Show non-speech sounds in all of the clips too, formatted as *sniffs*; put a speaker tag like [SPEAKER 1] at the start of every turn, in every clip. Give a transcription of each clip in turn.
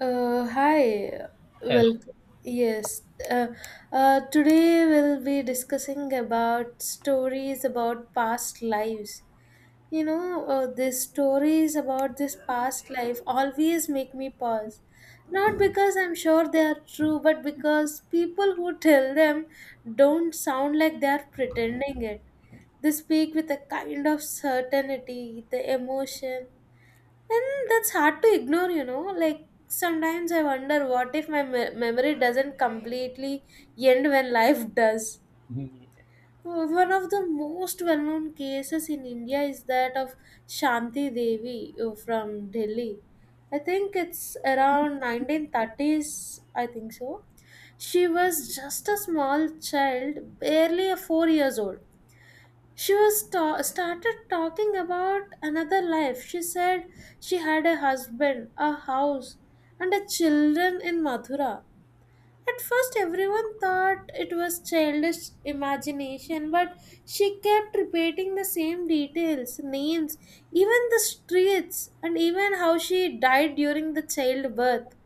[SPEAKER 1] Hi,
[SPEAKER 2] Hello.
[SPEAKER 1] well, yes. Uh, Today we'll be discussing about stories about past lives. These stories about this past life always make me pause. Not because I'm sure they are true, but because people who tell them don't sound like they are pretending it. They speak with a kind of certainty, the emotion, and that's hard to ignore. Like sometimes I wonder what if my memory doesn't completely end when life does.
[SPEAKER 2] Mhm.
[SPEAKER 1] One of the most well known cases in India is that of Shanti Devi from Delhi. I think it's around 1930s, I think so. She was just a small child, barely a 4 years old. She started talking about another life. She said she had a husband, a house, and a children in Mathura. At first, everyone thought it was childish imagination, but she kept repeating the same details, names, even the streets, and even how she died during the childbirth.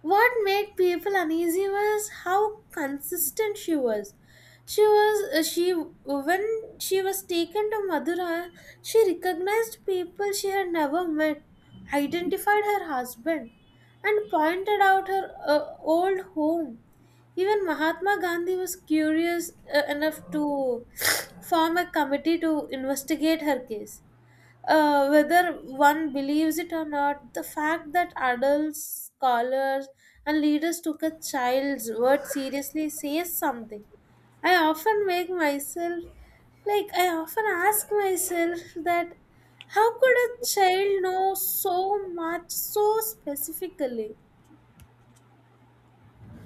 [SPEAKER 1] What made people uneasy was how consistent she was. She was she when she was taken to Madurai, she recognized people she had never met, identified her husband, and pointed out her old home. Even Mahatma Gandhi was curious enough to *sniffs* form a committee to investigate her case, whether one believes it or not, the fact that adults, scholars, and leaders took a child's word seriously says something. I often make myself, I often ask myself that how could a child know so much so specifically?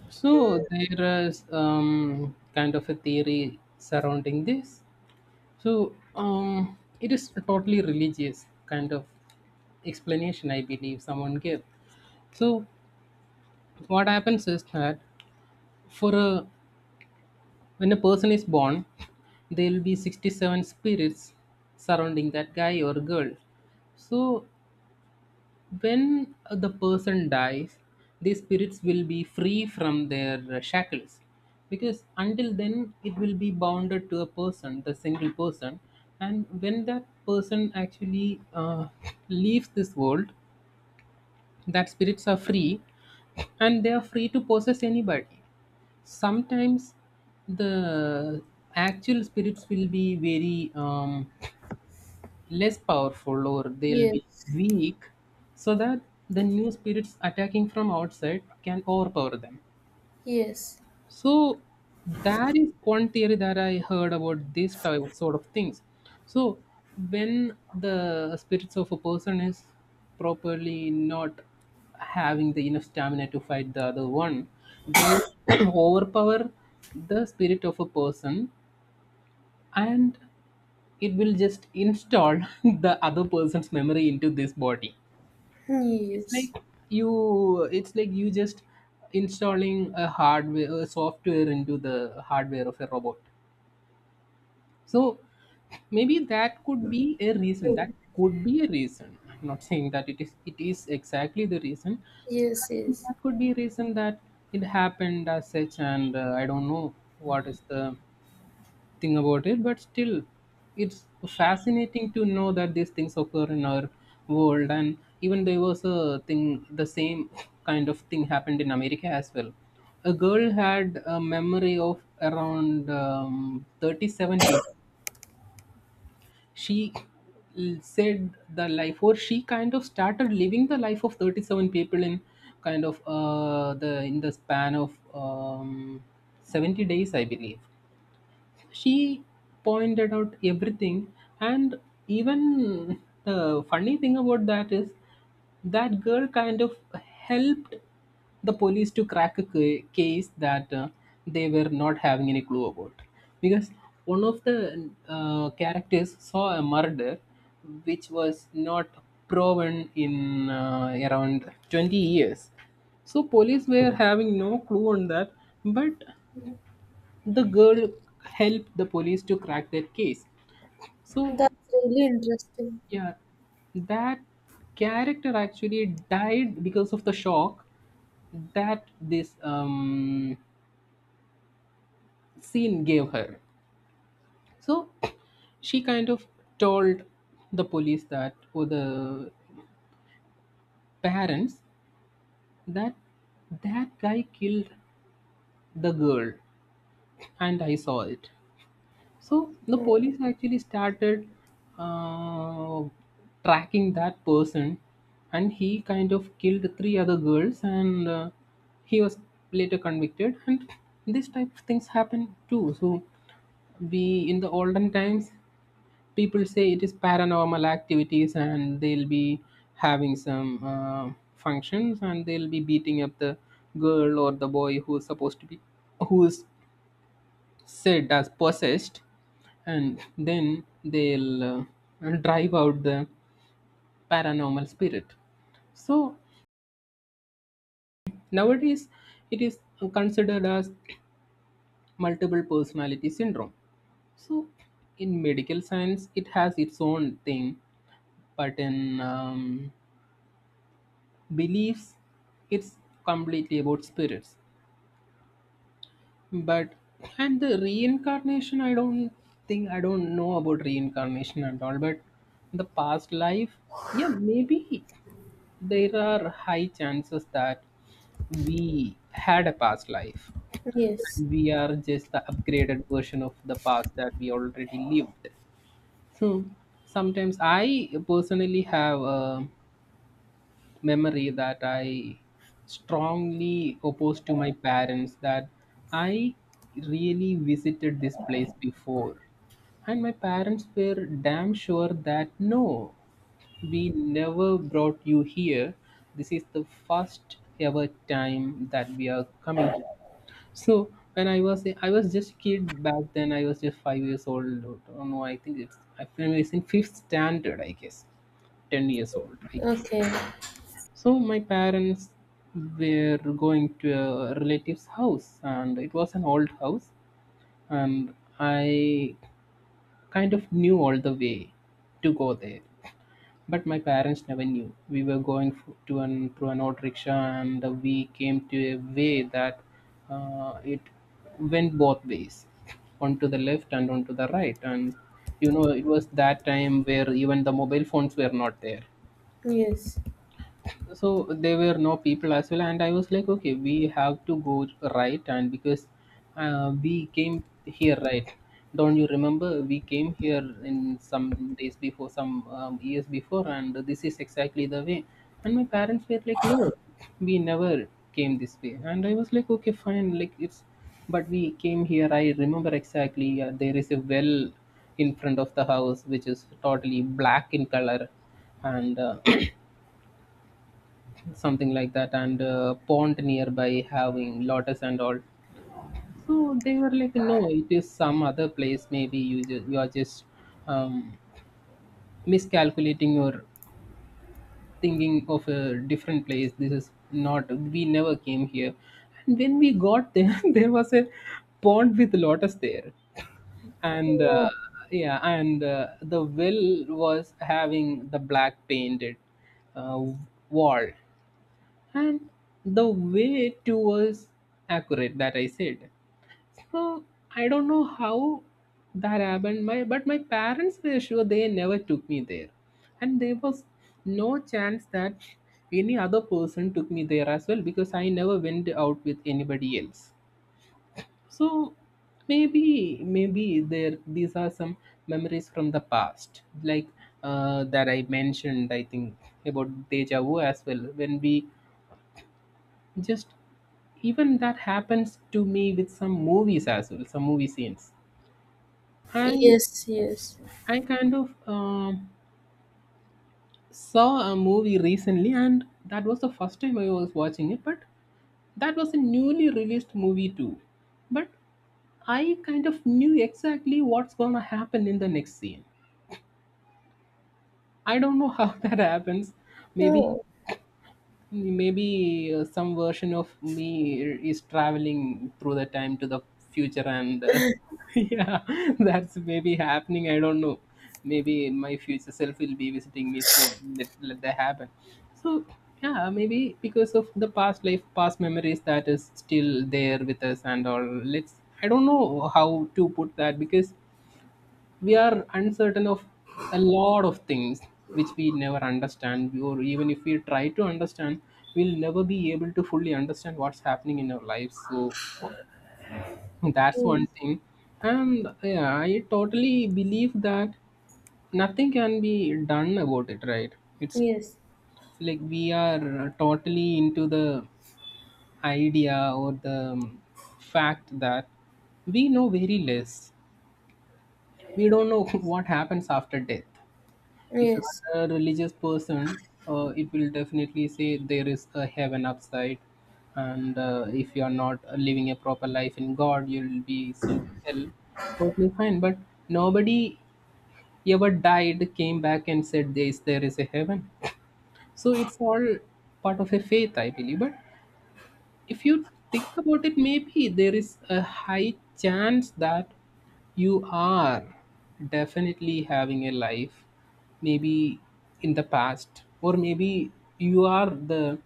[SPEAKER 2] So there is kind of a theory surrounding this. So it is a totally religious kind of explanation, I believe someone gave. So what happens is that for a when a person is born, there will be 67 spirits surrounding that guy or girl. So when the person dies, the spirits will be free from their shackles because until then it will be bounded to a person, the single person. And when that person actually leaves this world, that spirits are free and they are free to possess anybody. Sometimes the actual spirits will be very less powerful, or they'll be
[SPEAKER 1] Yes,
[SPEAKER 2] weak so that the new spirits attacking from outside can overpower them.
[SPEAKER 1] yes,
[SPEAKER 2] So that is one theory that I heard about this type sort of things. So when the spirits of a person is properly not having the enough stamina to fight the other one, they *clears throat* overpower the spirit of a person, and it will just install *laughs* the other person's memory into this body. it's
[SPEAKER 1] yes,
[SPEAKER 2] like you it's like you just installing a software into the hardware of a robot. So maybe that could be a reason that
[SPEAKER 1] true.
[SPEAKER 2] could be a reason. I'm not saying that it is exactly the reason. So
[SPEAKER 1] Yes,
[SPEAKER 2] that,
[SPEAKER 1] yes.
[SPEAKER 2] that could be a reason that it happened as such. And I don't know what is the think about it, but still it's fascinating to know that these things occur in our world. And even there was a thing the same *laughs* kind of thing happened in America as well. A girl had a memory of around 37 people. She said the life, or she kind of started living the life of 37 people in kind of the in the span of 70 days, I believe. She pointed out everything. And even the funny thing about that is that girl kind of helped the police to crack a case that they were not having any clue about, because one of the characters saw a murder which was not proven in around 20 years. So police were having no clue on that, but the girl helped the police to crack their case. So
[SPEAKER 1] That's really interesting.
[SPEAKER 2] yeah, that character actually died because of the shock that this scene gave her. So she kind of told the police, that or the parents, that that guy killed the girl and I saw it. So the
[SPEAKER 1] Mm,
[SPEAKER 2] police actually started uh, tracking that person, and he kind of killed three other girls, and he was later convicted. And this type of things happen too. So we in the olden times, people say it is paranormal activities, and they'll be having some functions, and they'll be beating up the girl or the boy who's supposed to be who's said as possessed, and then they'll drive out the paranormal spirit. So nowadays it is considered as multiple personality syndrome. So in medical science it has its own thing, but in beliefs it's completely about spirits. But and the reincarnation, I don't know about reincarnation at all, but the past life, yeah, maybe there are high chances that we had a past life.
[SPEAKER 1] yes.
[SPEAKER 2] And we are just the upgraded version of the past that we already lived. So sometimes I personally have a memory that I strongly oppose to my parents that I really visited this place before, and my parents were damn sure that no, we never brought you here. This is the first ever time that we are coming here. So when I was just kid back then. I was just 5 years old. I don't know. I think it's in fifth standard, I guess. 10 years old, I guess.
[SPEAKER 1] Okay.
[SPEAKER 2] So my parents were going to a relative's house, and it was an old house, and I kind of knew all the way to go there. But my parents never knew. We were going f- to an through an old rickshaw, and we came to a way that it went both ways, *laughs* onto the left and onto the right. And it was that time where even the mobile phones were not there.
[SPEAKER 1] Yes.
[SPEAKER 2] So there were no people as well, and I was like, okay, we have to go right. And because we came here, right? Don't you remember? We came here in some years before, and this is exactly the way. And my parents were like, no, we never came this way. And I was like, okay fine, like it's but we came here. I remember exactly, there is a well in front of the house which is totally black in color. And something like that, and pond nearby having lotus and all. So they were like, no, it is some other place. Maybe you you are just um, miscalculating or thinking of a different place. This is not We never came here. And when we got there, *laughs* there was a pond with lotus there. And
[SPEAKER 1] Oh.
[SPEAKER 2] yeah. And the well was having the black painted uh, wall, and the way it was accurate that I said. So I don't know how that happened. My but my parents were sure they never took me there, and there was no chance that any other person took me there as well because I never went out with anybody else. So maybe there these are some memories from the past, like that I mentioned. I think about deja vu as well when we just even that happens to me with some movies as well, some movie scenes. i
[SPEAKER 1] Yes, yes.
[SPEAKER 2] i kind of saw a movie recently, and that was the first time I was watching it, but that was a newly released movie too. But I kind of knew exactly what's going to happen in the next scene. I don't know how *laughs* that happens. maybe
[SPEAKER 1] Oh,
[SPEAKER 2] maybe uh, some version of me is traveling through the time to the future. And *laughs* yeah, that's maybe happening. I don't know. Maybe my future self will be visiting me soon. Let that happen. So yeah, maybe because of the past life past memories that is still there with us and all. Let's I don't know how to put that because we are uncertain of a lot of things which we never understand, or even if we try to understand, we'll never be able to fully understand what's happening in our lives. So that's
[SPEAKER 1] mm,
[SPEAKER 2] one thing. And yeah, I totally believe that nothing can be done about it, right? It's
[SPEAKER 1] yes,
[SPEAKER 2] like we are totally into the idea or the fact that we know very less. We don't know *laughs* what happens after death. If you
[SPEAKER 1] yes,
[SPEAKER 2] are a religious person, it will definitely say there is a heaven upside, and if you are not living a proper life in God, you will be sent to hell. Totally fine, but nobody ever died, came back, and said there is a heaven. So it's all part of a faith, I believe. But if you think about it, maybe there is a high chance that you are definitely having a life, maybe in the past, or maybe you are the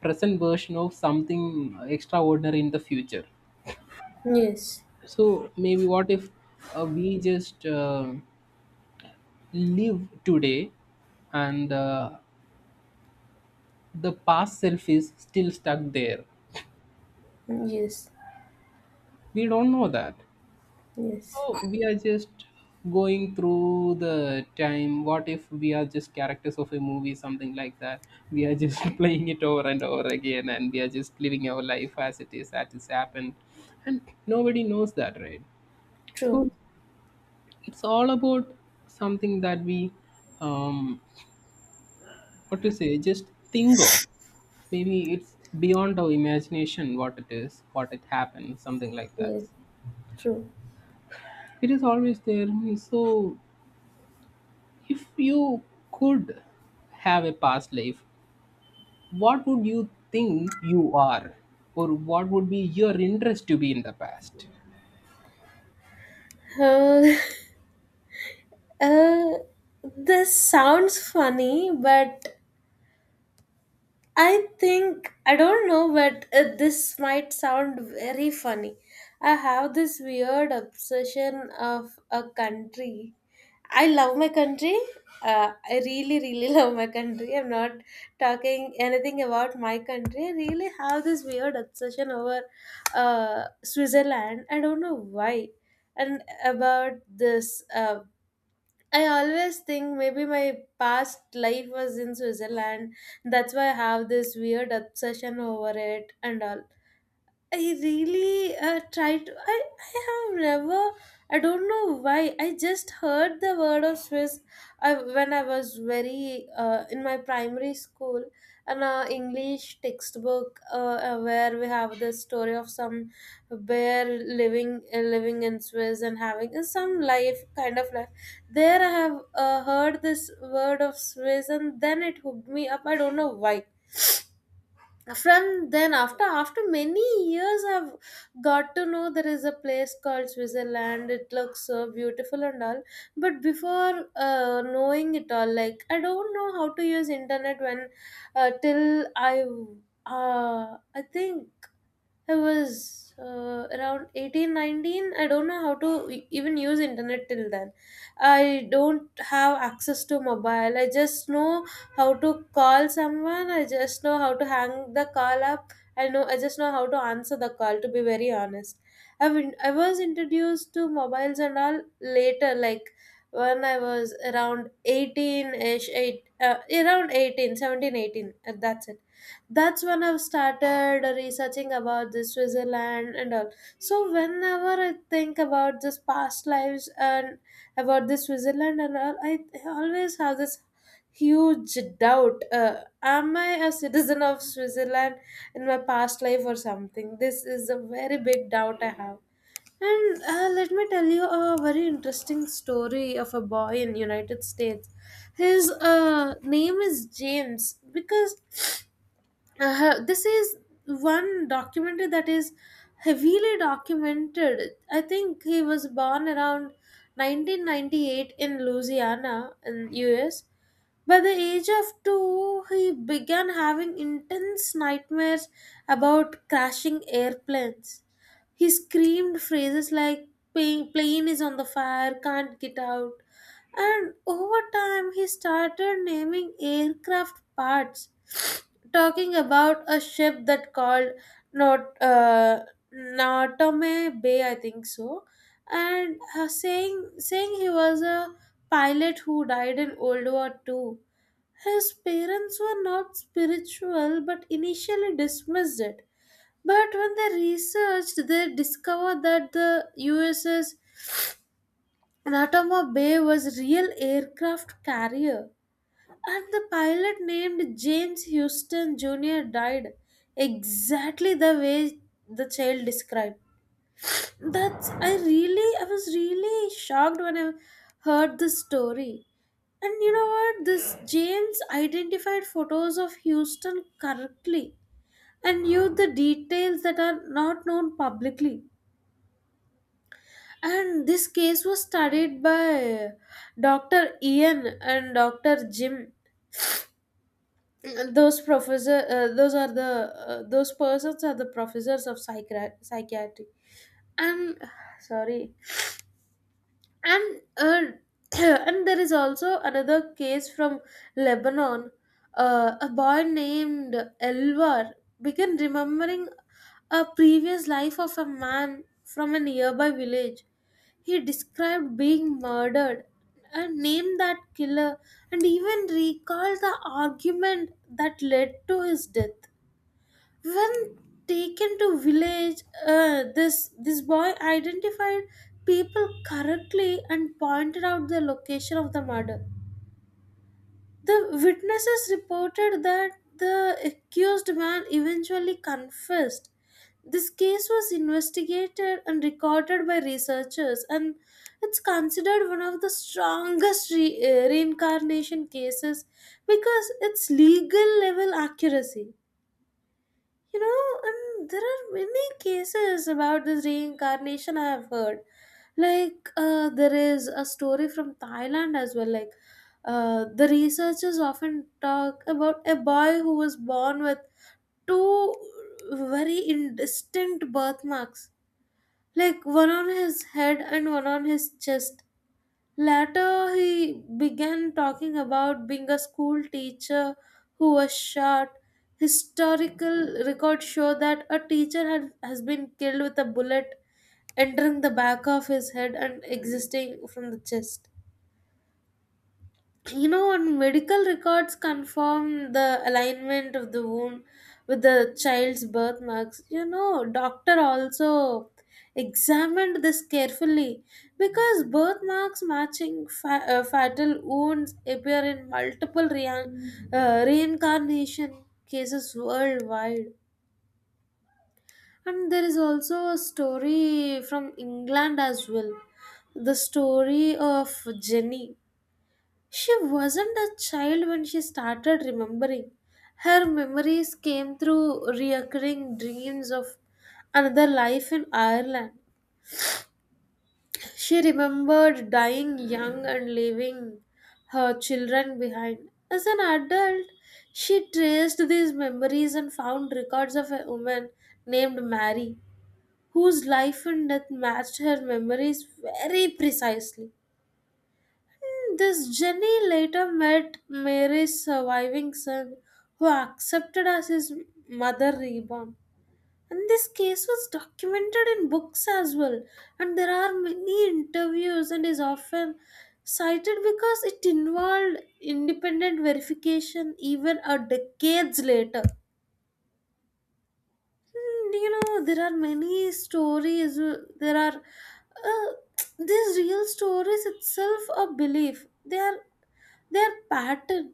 [SPEAKER 2] present version of something extraordinary in the future.
[SPEAKER 1] yes,
[SPEAKER 2] So, maybe what if we just live today, and the past self is still stuck there?
[SPEAKER 1] yes,
[SPEAKER 2] We don't know that.
[SPEAKER 1] yes.
[SPEAKER 2] So we are just going through the time. What if we are just characters of a movie, something like that? We are just *laughs* playing it over and over again, and we are just living our life as it is, as it's happened. And nobody knows that, right?
[SPEAKER 1] True,
[SPEAKER 2] So it's all about something that we, um, what to say, just think of. Maybe it's beyond our imagination what it is, what it happened, something like that.
[SPEAKER 1] yes, true.
[SPEAKER 2] It is always there. So if you could have a past life, what would you think you are? Or what would be your interest to be in the past?
[SPEAKER 1] Uh, *laughs* uh, this sounds funny, but I think I don't know, but this might sound very funny. I have this weird obsession of a country. I love my country. I really, really *laughs* love my country. I'm not talking anything about my country. I really have this weird obsession over Switzerland. I don't know why. And about this I always think maybe my past life was in Switzerland. That's why I have this weird obsession over it and all. I really tried to. I have never. I don't know why. I just heard the word of Swiss. When I was very in my primary school, an English textbook where we have the story of some bear living in Swiss and having some life kind of life. There I have heard this word of Swiss and then it hooked me up. I don't know why. From then, after many years, I've got to know there is a place called Switzerland. It looks so beautiful and all, but before knowing it all, like, I don't know how to use internet. When uh, till i uh, i think I was around 18, 19. I don't know how to even use internet till then. I don't have access to mobile. I just know how to call someone. I just know how to hang the call up. I just know how to answer the call, to be very honest. I was introduced to mobiles and all later, like, when I was around 18ish, around 18, 17, 18. That's it. That's when I've started researching about this Switzerland and all. So whenever I think about this past lives and about this Switzerland and all, I always have this huge doubt. Am I a citizen of Switzerland in my past life or something? This is a very big doubt I have. And let me tell you a very interesting story of a boy in United States. His name is James because this is one documentary that is heavily documented. I think he was born around 1998 in Louisiana in US. By the age of 2, he began having intense nightmares about crashing airplanes. He screamed phrases like "Plane is on the fire, can't get out." And over time, he started naming aircraft parts, *sniffs* talking about a ship that called Not Natome Bay, I think so, and saying he was a pilot who died in World War II. His parents were not spiritual, but initially dismissed it. But when they researched, they discovered that the USS Anatoma Bay was real aircraft carrier and the pilot named James Houston Jr. died exactly the way the child described. That's I really I was really shocked when I heard this story. And you know what? This James identified photos of Houston correctly and used the details that are not known publicly. And this case was studied by Dr. Ian and Dr. Jim. Those professor, those are the Those persons are the professors of psychiatry. And sorry, and *clears throat* and There is also another case from Lebanon. A boy named Elvar began remembering a previous life of a man from a nearby village. He described being murdered and named that killer and even recalled the argument that led to his death. When taken to village, this boy identified people correctly and pointed out the location of the murder. The witnesses reported that the accused man eventually confessed. This case was investigated and recorded by researchers, and it's considered one of the strongest reincarnation cases because it's legal level accuracy. And there are many cases about this reincarnation I have heard. Like, there is a story from Thailand as well. Like, the researchers often talk about a boy who was born with two very indistinct birthmarks, like one on his head and one on his chest. Later, he began talking about being a school teacher who was shot. Historical records show that a teacher has been killed with a bullet entering the back of his head and existing from the chest. And medical records confirm the alignment of the womb with the child's birthmarks. Doctor also examined this carefully because birthmarks matching fatal wounds appear in multiple reincarnation cases worldwide. And there is also a story from England as well, the story of Jenny. She wasn't a child when she started remembering. Her memories came through recurring dreams of another life in Ireland. She remembered dying young and leaving her children behind. As an adult, she traced these memories and found records of a woman named Mary, whose life and death matched her memories very precisely. This Jenny later met Mary's surviving son, who accepted as his mother reborn. And this case was documented in books as well, and there are many interviews, and is often cited because it involved independent verification even a decades later. Hmm, there are many stories. There are uh, *tsk* these real stories itself a belief. They are pattern.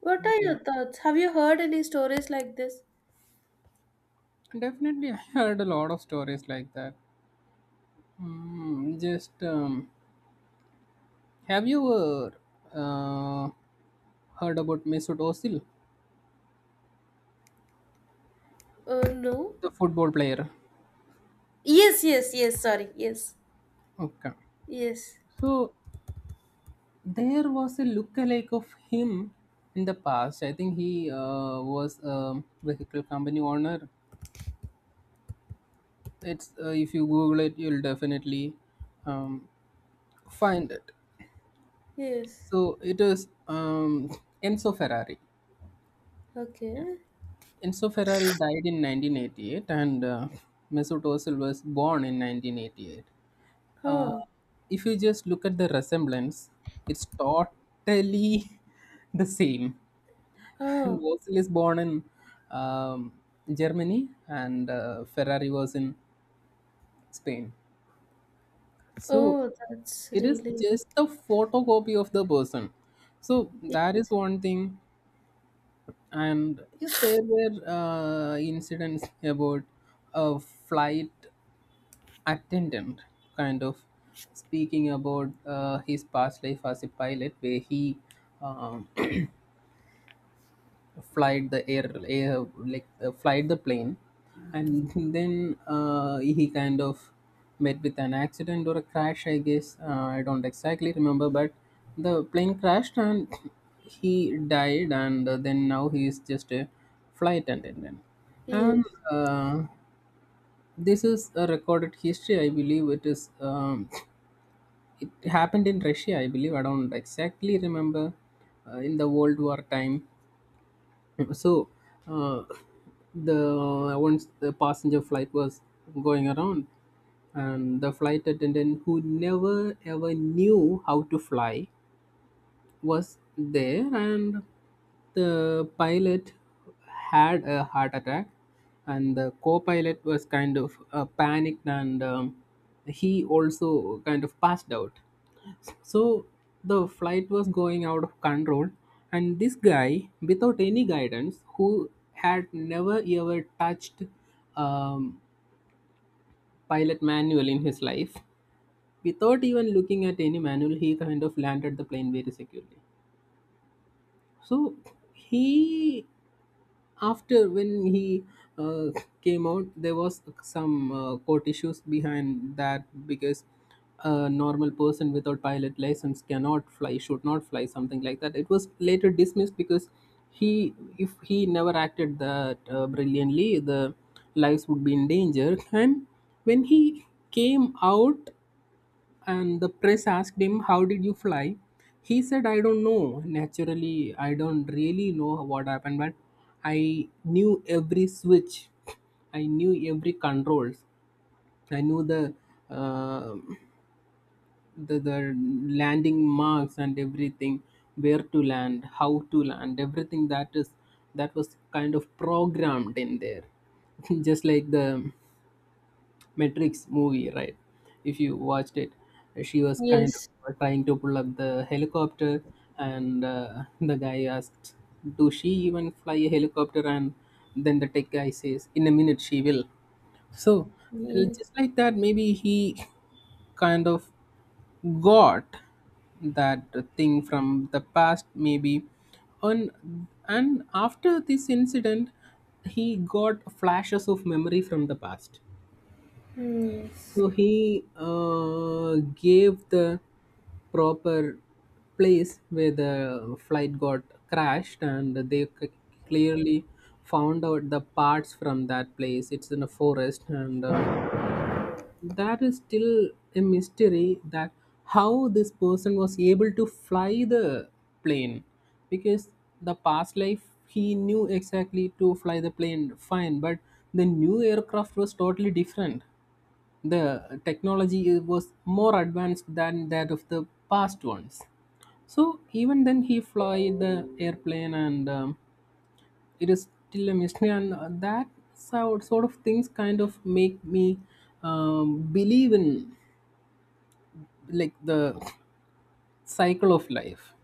[SPEAKER 1] What are
[SPEAKER 2] Yeah,
[SPEAKER 1] your thoughts? Have you heard any stories like this?
[SPEAKER 2] definitely. I heard a lot of stories like that. Just have you uh, heard about Mesut Ozil,
[SPEAKER 1] No.
[SPEAKER 2] the football player?
[SPEAKER 1] Yes, yes, yes. Sorry. Yes,
[SPEAKER 2] Okay,
[SPEAKER 1] yes,
[SPEAKER 2] so there was a lookalike of him in the past. I think he was a vehicle company owner. It's If you google it, you'll definitely um, find it.
[SPEAKER 1] yes.
[SPEAKER 2] So it is Enzo Ferrari. Yeah.
[SPEAKER 1] Okay.
[SPEAKER 2] Enzo Ferrari died in 1988, and Mesut Ozil was born in 1988. uh,
[SPEAKER 1] Oh,
[SPEAKER 2] if you just look at the resemblance, it's totally *laughs* the same. And
[SPEAKER 1] oh,
[SPEAKER 2] Ozil is born in um, Germany, and Ferrari was in Spain. So
[SPEAKER 1] oh. That's
[SPEAKER 2] it is
[SPEAKER 1] really.
[SPEAKER 2] just the photocopy of the person. So
[SPEAKER 1] y-
[SPEAKER 2] that is one thing. And yeah, there were incidents about a flight attendant kind of speaking about his past life as a pilot, where he um, flight the air, air like flight the plane and *laughs* then he kind of met with an accident or a crash, I guess. I don't exactly remember, but the plane crashed and *laughs* *clears throat* he died, and then now he is just a flight attendant.
[SPEAKER 1] Yes,
[SPEAKER 2] And uh, this is a recorded history, I believe. It is *clears throat* it happened in Russia, I believe. I don't exactly remember, in the world war time. So, uh, the Once the passenger flight was going around, and the flight attendant who never ever knew how to fly was there, and the pilot had a heart attack, and the co-pilot was kind of panicked, and he also kind of passed out. So the flight was going out of control, and this guy, without any guidance, who had never ever touched um, pilot manual in his life, without even looking at any manual, he kind of landed the plane very securely. So he, after when he uh, came out, there was some court issues behind that, because a normal person without pilot license cannot fly, should not fly something like that. It was later dismissed because he, if he never acted that brilliantly, the lives would be in danger. And when he came out, and the press asked him how did you fly, he said, "I don't know. Naturally, I don't really know what happened, but I knew every switch, I knew every controls, I knew the uh, the landing marks and everything, where to land, how to land, everything." That is, that was kind of programmed in there, *laughs* just like the Matrix movie, right? If you watched it, she was kind
[SPEAKER 1] yes,
[SPEAKER 2] of trying to pull up the helicopter, and *laughs* the guy asked, "Do she even fly a helicopter?" And then the tech guy says, "In a minute, she will." So,
[SPEAKER 1] yes,
[SPEAKER 2] just like that, maybe he *laughs* kind of got that thing from the past, maybe, and after this incident, he got flashes of memory from the past.
[SPEAKER 1] yes.
[SPEAKER 2] So he gave the proper place where the flight got crashed, and they clearly found out the parts from that place. It's in a forest, and that is still a mystery, that how this person was able to fly the plane, because the past life he knew exactly to fly the plane fine, but the new aircraft was totally different. The technology was more advanced than that of the past ones. So even then, he fly the airplane, and it is still a mystery. And that sort of things kind of make me believe in like the cycle of life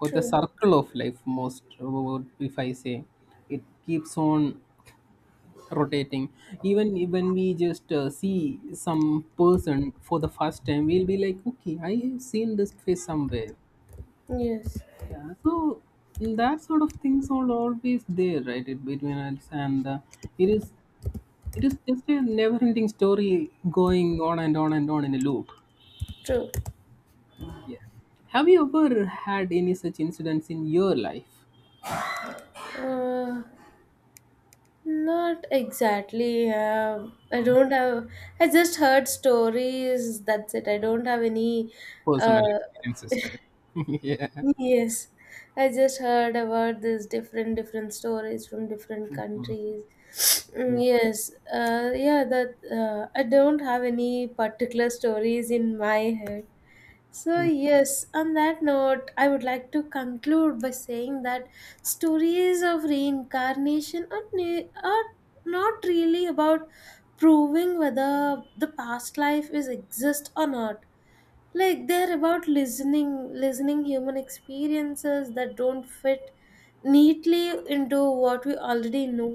[SPEAKER 2] or the
[SPEAKER 1] True.
[SPEAKER 2] circle of life. Most, if I say, it keeps on rotating. Even when we just see some person for the first time, we'll be like, okay, I have seen this face somewhere.
[SPEAKER 1] Yes,
[SPEAKER 2] Yeah, so that sort of things are always there, right? It, between us, and it is it is just a never ending story going on and on and on in a loop.
[SPEAKER 1] true.
[SPEAKER 2] Yeah, have you ever had any such incidents in your life?
[SPEAKER 1] Uh, Not exactly. I
[SPEAKER 2] Mhm.
[SPEAKER 1] don't have. I just heard stories. That's it. I don't have any.
[SPEAKER 2] Personal
[SPEAKER 1] Uh,
[SPEAKER 2] experiences, right? *laughs* Yeah.
[SPEAKER 1] Yes, I just heard about this different stories from different
[SPEAKER 2] Mm.
[SPEAKER 1] countries. Mm,
[SPEAKER 2] Yeah.
[SPEAKER 1] yes, yeah, that I don't have any particular stories in my head. So
[SPEAKER 2] Mm.
[SPEAKER 1] yes, on that note, I would like to conclude by saying that stories of reincarnation are not really about proving whether the past life is exist or not. Like, they're about listening human experiences that don't fit neatly into what we already know.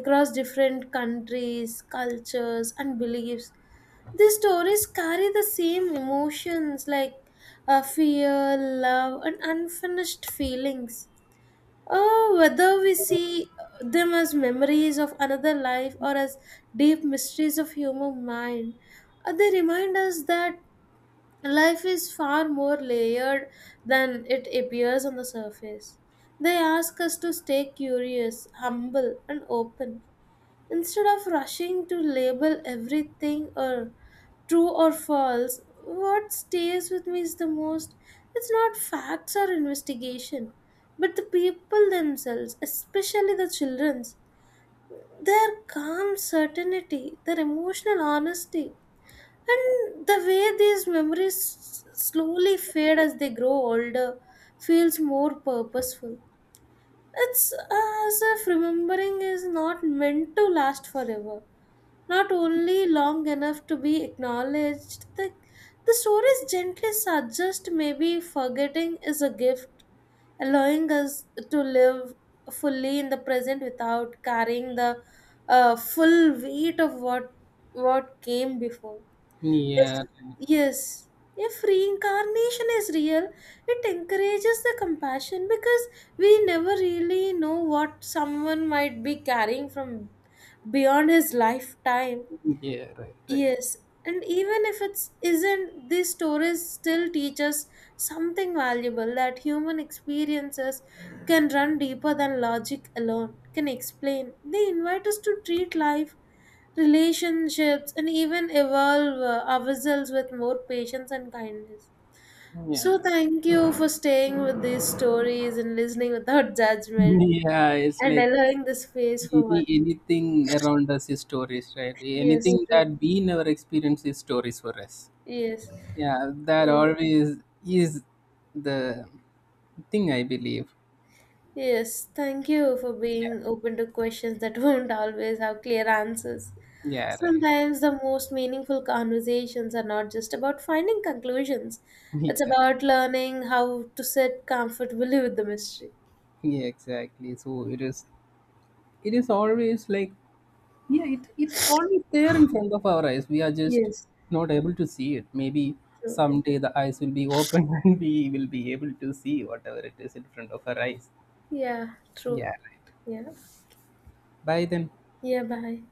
[SPEAKER 1] Across different countries, cultures, and beliefs, these stories carry the same emotions like fear, love, and unfinished feelings. Oh, whether we see them as memories of another life or as deep mysteries of human mind, they remind us that life is far more layered than it appears on the surface. They ask us to stay curious, humble, and open. Instead of rushing to label everything or true or false, what stays with me is the most it's not facts or investigation, but the people themselves, especially the children's, their calm certainty, their emotional honesty, and the way these memories slowly fade as they grow older feels more purposeful. It's as if remembering is not meant to last forever, not only long enough to be acknowledged. The stories gently suggest maybe forgetting is a gift, allowing us to live fully in the present without carrying the full weight of what came before. If,
[SPEAKER 2] Yeah, right.
[SPEAKER 1] Yes, if reincarnation is real, it encourages the compassion because we never really know what someone might be carrying from beyond his lifetime.
[SPEAKER 2] Yeah, right, right.
[SPEAKER 1] Yes, and even if it's isn't, these stories still teach us something valuable that human experiences can run deeper than logic alone can explain. They invite us to treat life, relationships, and even evolve ourselves with more patience and kindness. So,
[SPEAKER 2] Yeah,
[SPEAKER 1] thank you for staying with these stories and listening without *laughs* judgment
[SPEAKER 2] yeah. It's
[SPEAKER 1] and
[SPEAKER 2] like,
[SPEAKER 1] allowing the space for
[SPEAKER 2] any
[SPEAKER 1] one.
[SPEAKER 2] anything around us is stories, right?
[SPEAKER 1] Yes,
[SPEAKER 2] Anything that
[SPEAKER 1] true.
[SPEAKER 2] we never experience is stories for us.
[SPEAKER 1] Yes.
[SPEAKER 2] Yeah, that
[SPEAKER 1] Yes.
[SPEAKER 2] always is the thing I believe.
[SPEAKER 1] Yes, thank you for being open to questions that *laughs* won't always have clear answers.
[SPEAKER 2] Yeah, right.
[SPEAKER 1] Sometimes the most meaningful conversations are not just about finding conclusions,
[SPEAKER 2] *laughs*
[SPEAKER 1] it's
[SPEAKER 2] Yeah,
[SPEAKER 1] about learning how to sit comfortably with the mystery.
[SPEAKER 2] yeah, exactly. So it is. It is always like, yeah. It's always there in front of our eyes. We are just
[SPEAKER 1] Yes,
[SPEAKER 2] not able to see it. Maybe
[SPEAKER 1] true.
[SPEAKER 2] someday the eyes will be open *laughs* and we will be able to see whatever it is in front of our eyes.
[SPEAKER 1] Yeah, true.
[SPEAKER 2] Yeah, right.
[SPEAKER 1] Yeah.
[SPEAKER 2] Bye then.
[SPEAKER 1] Yeah, bye.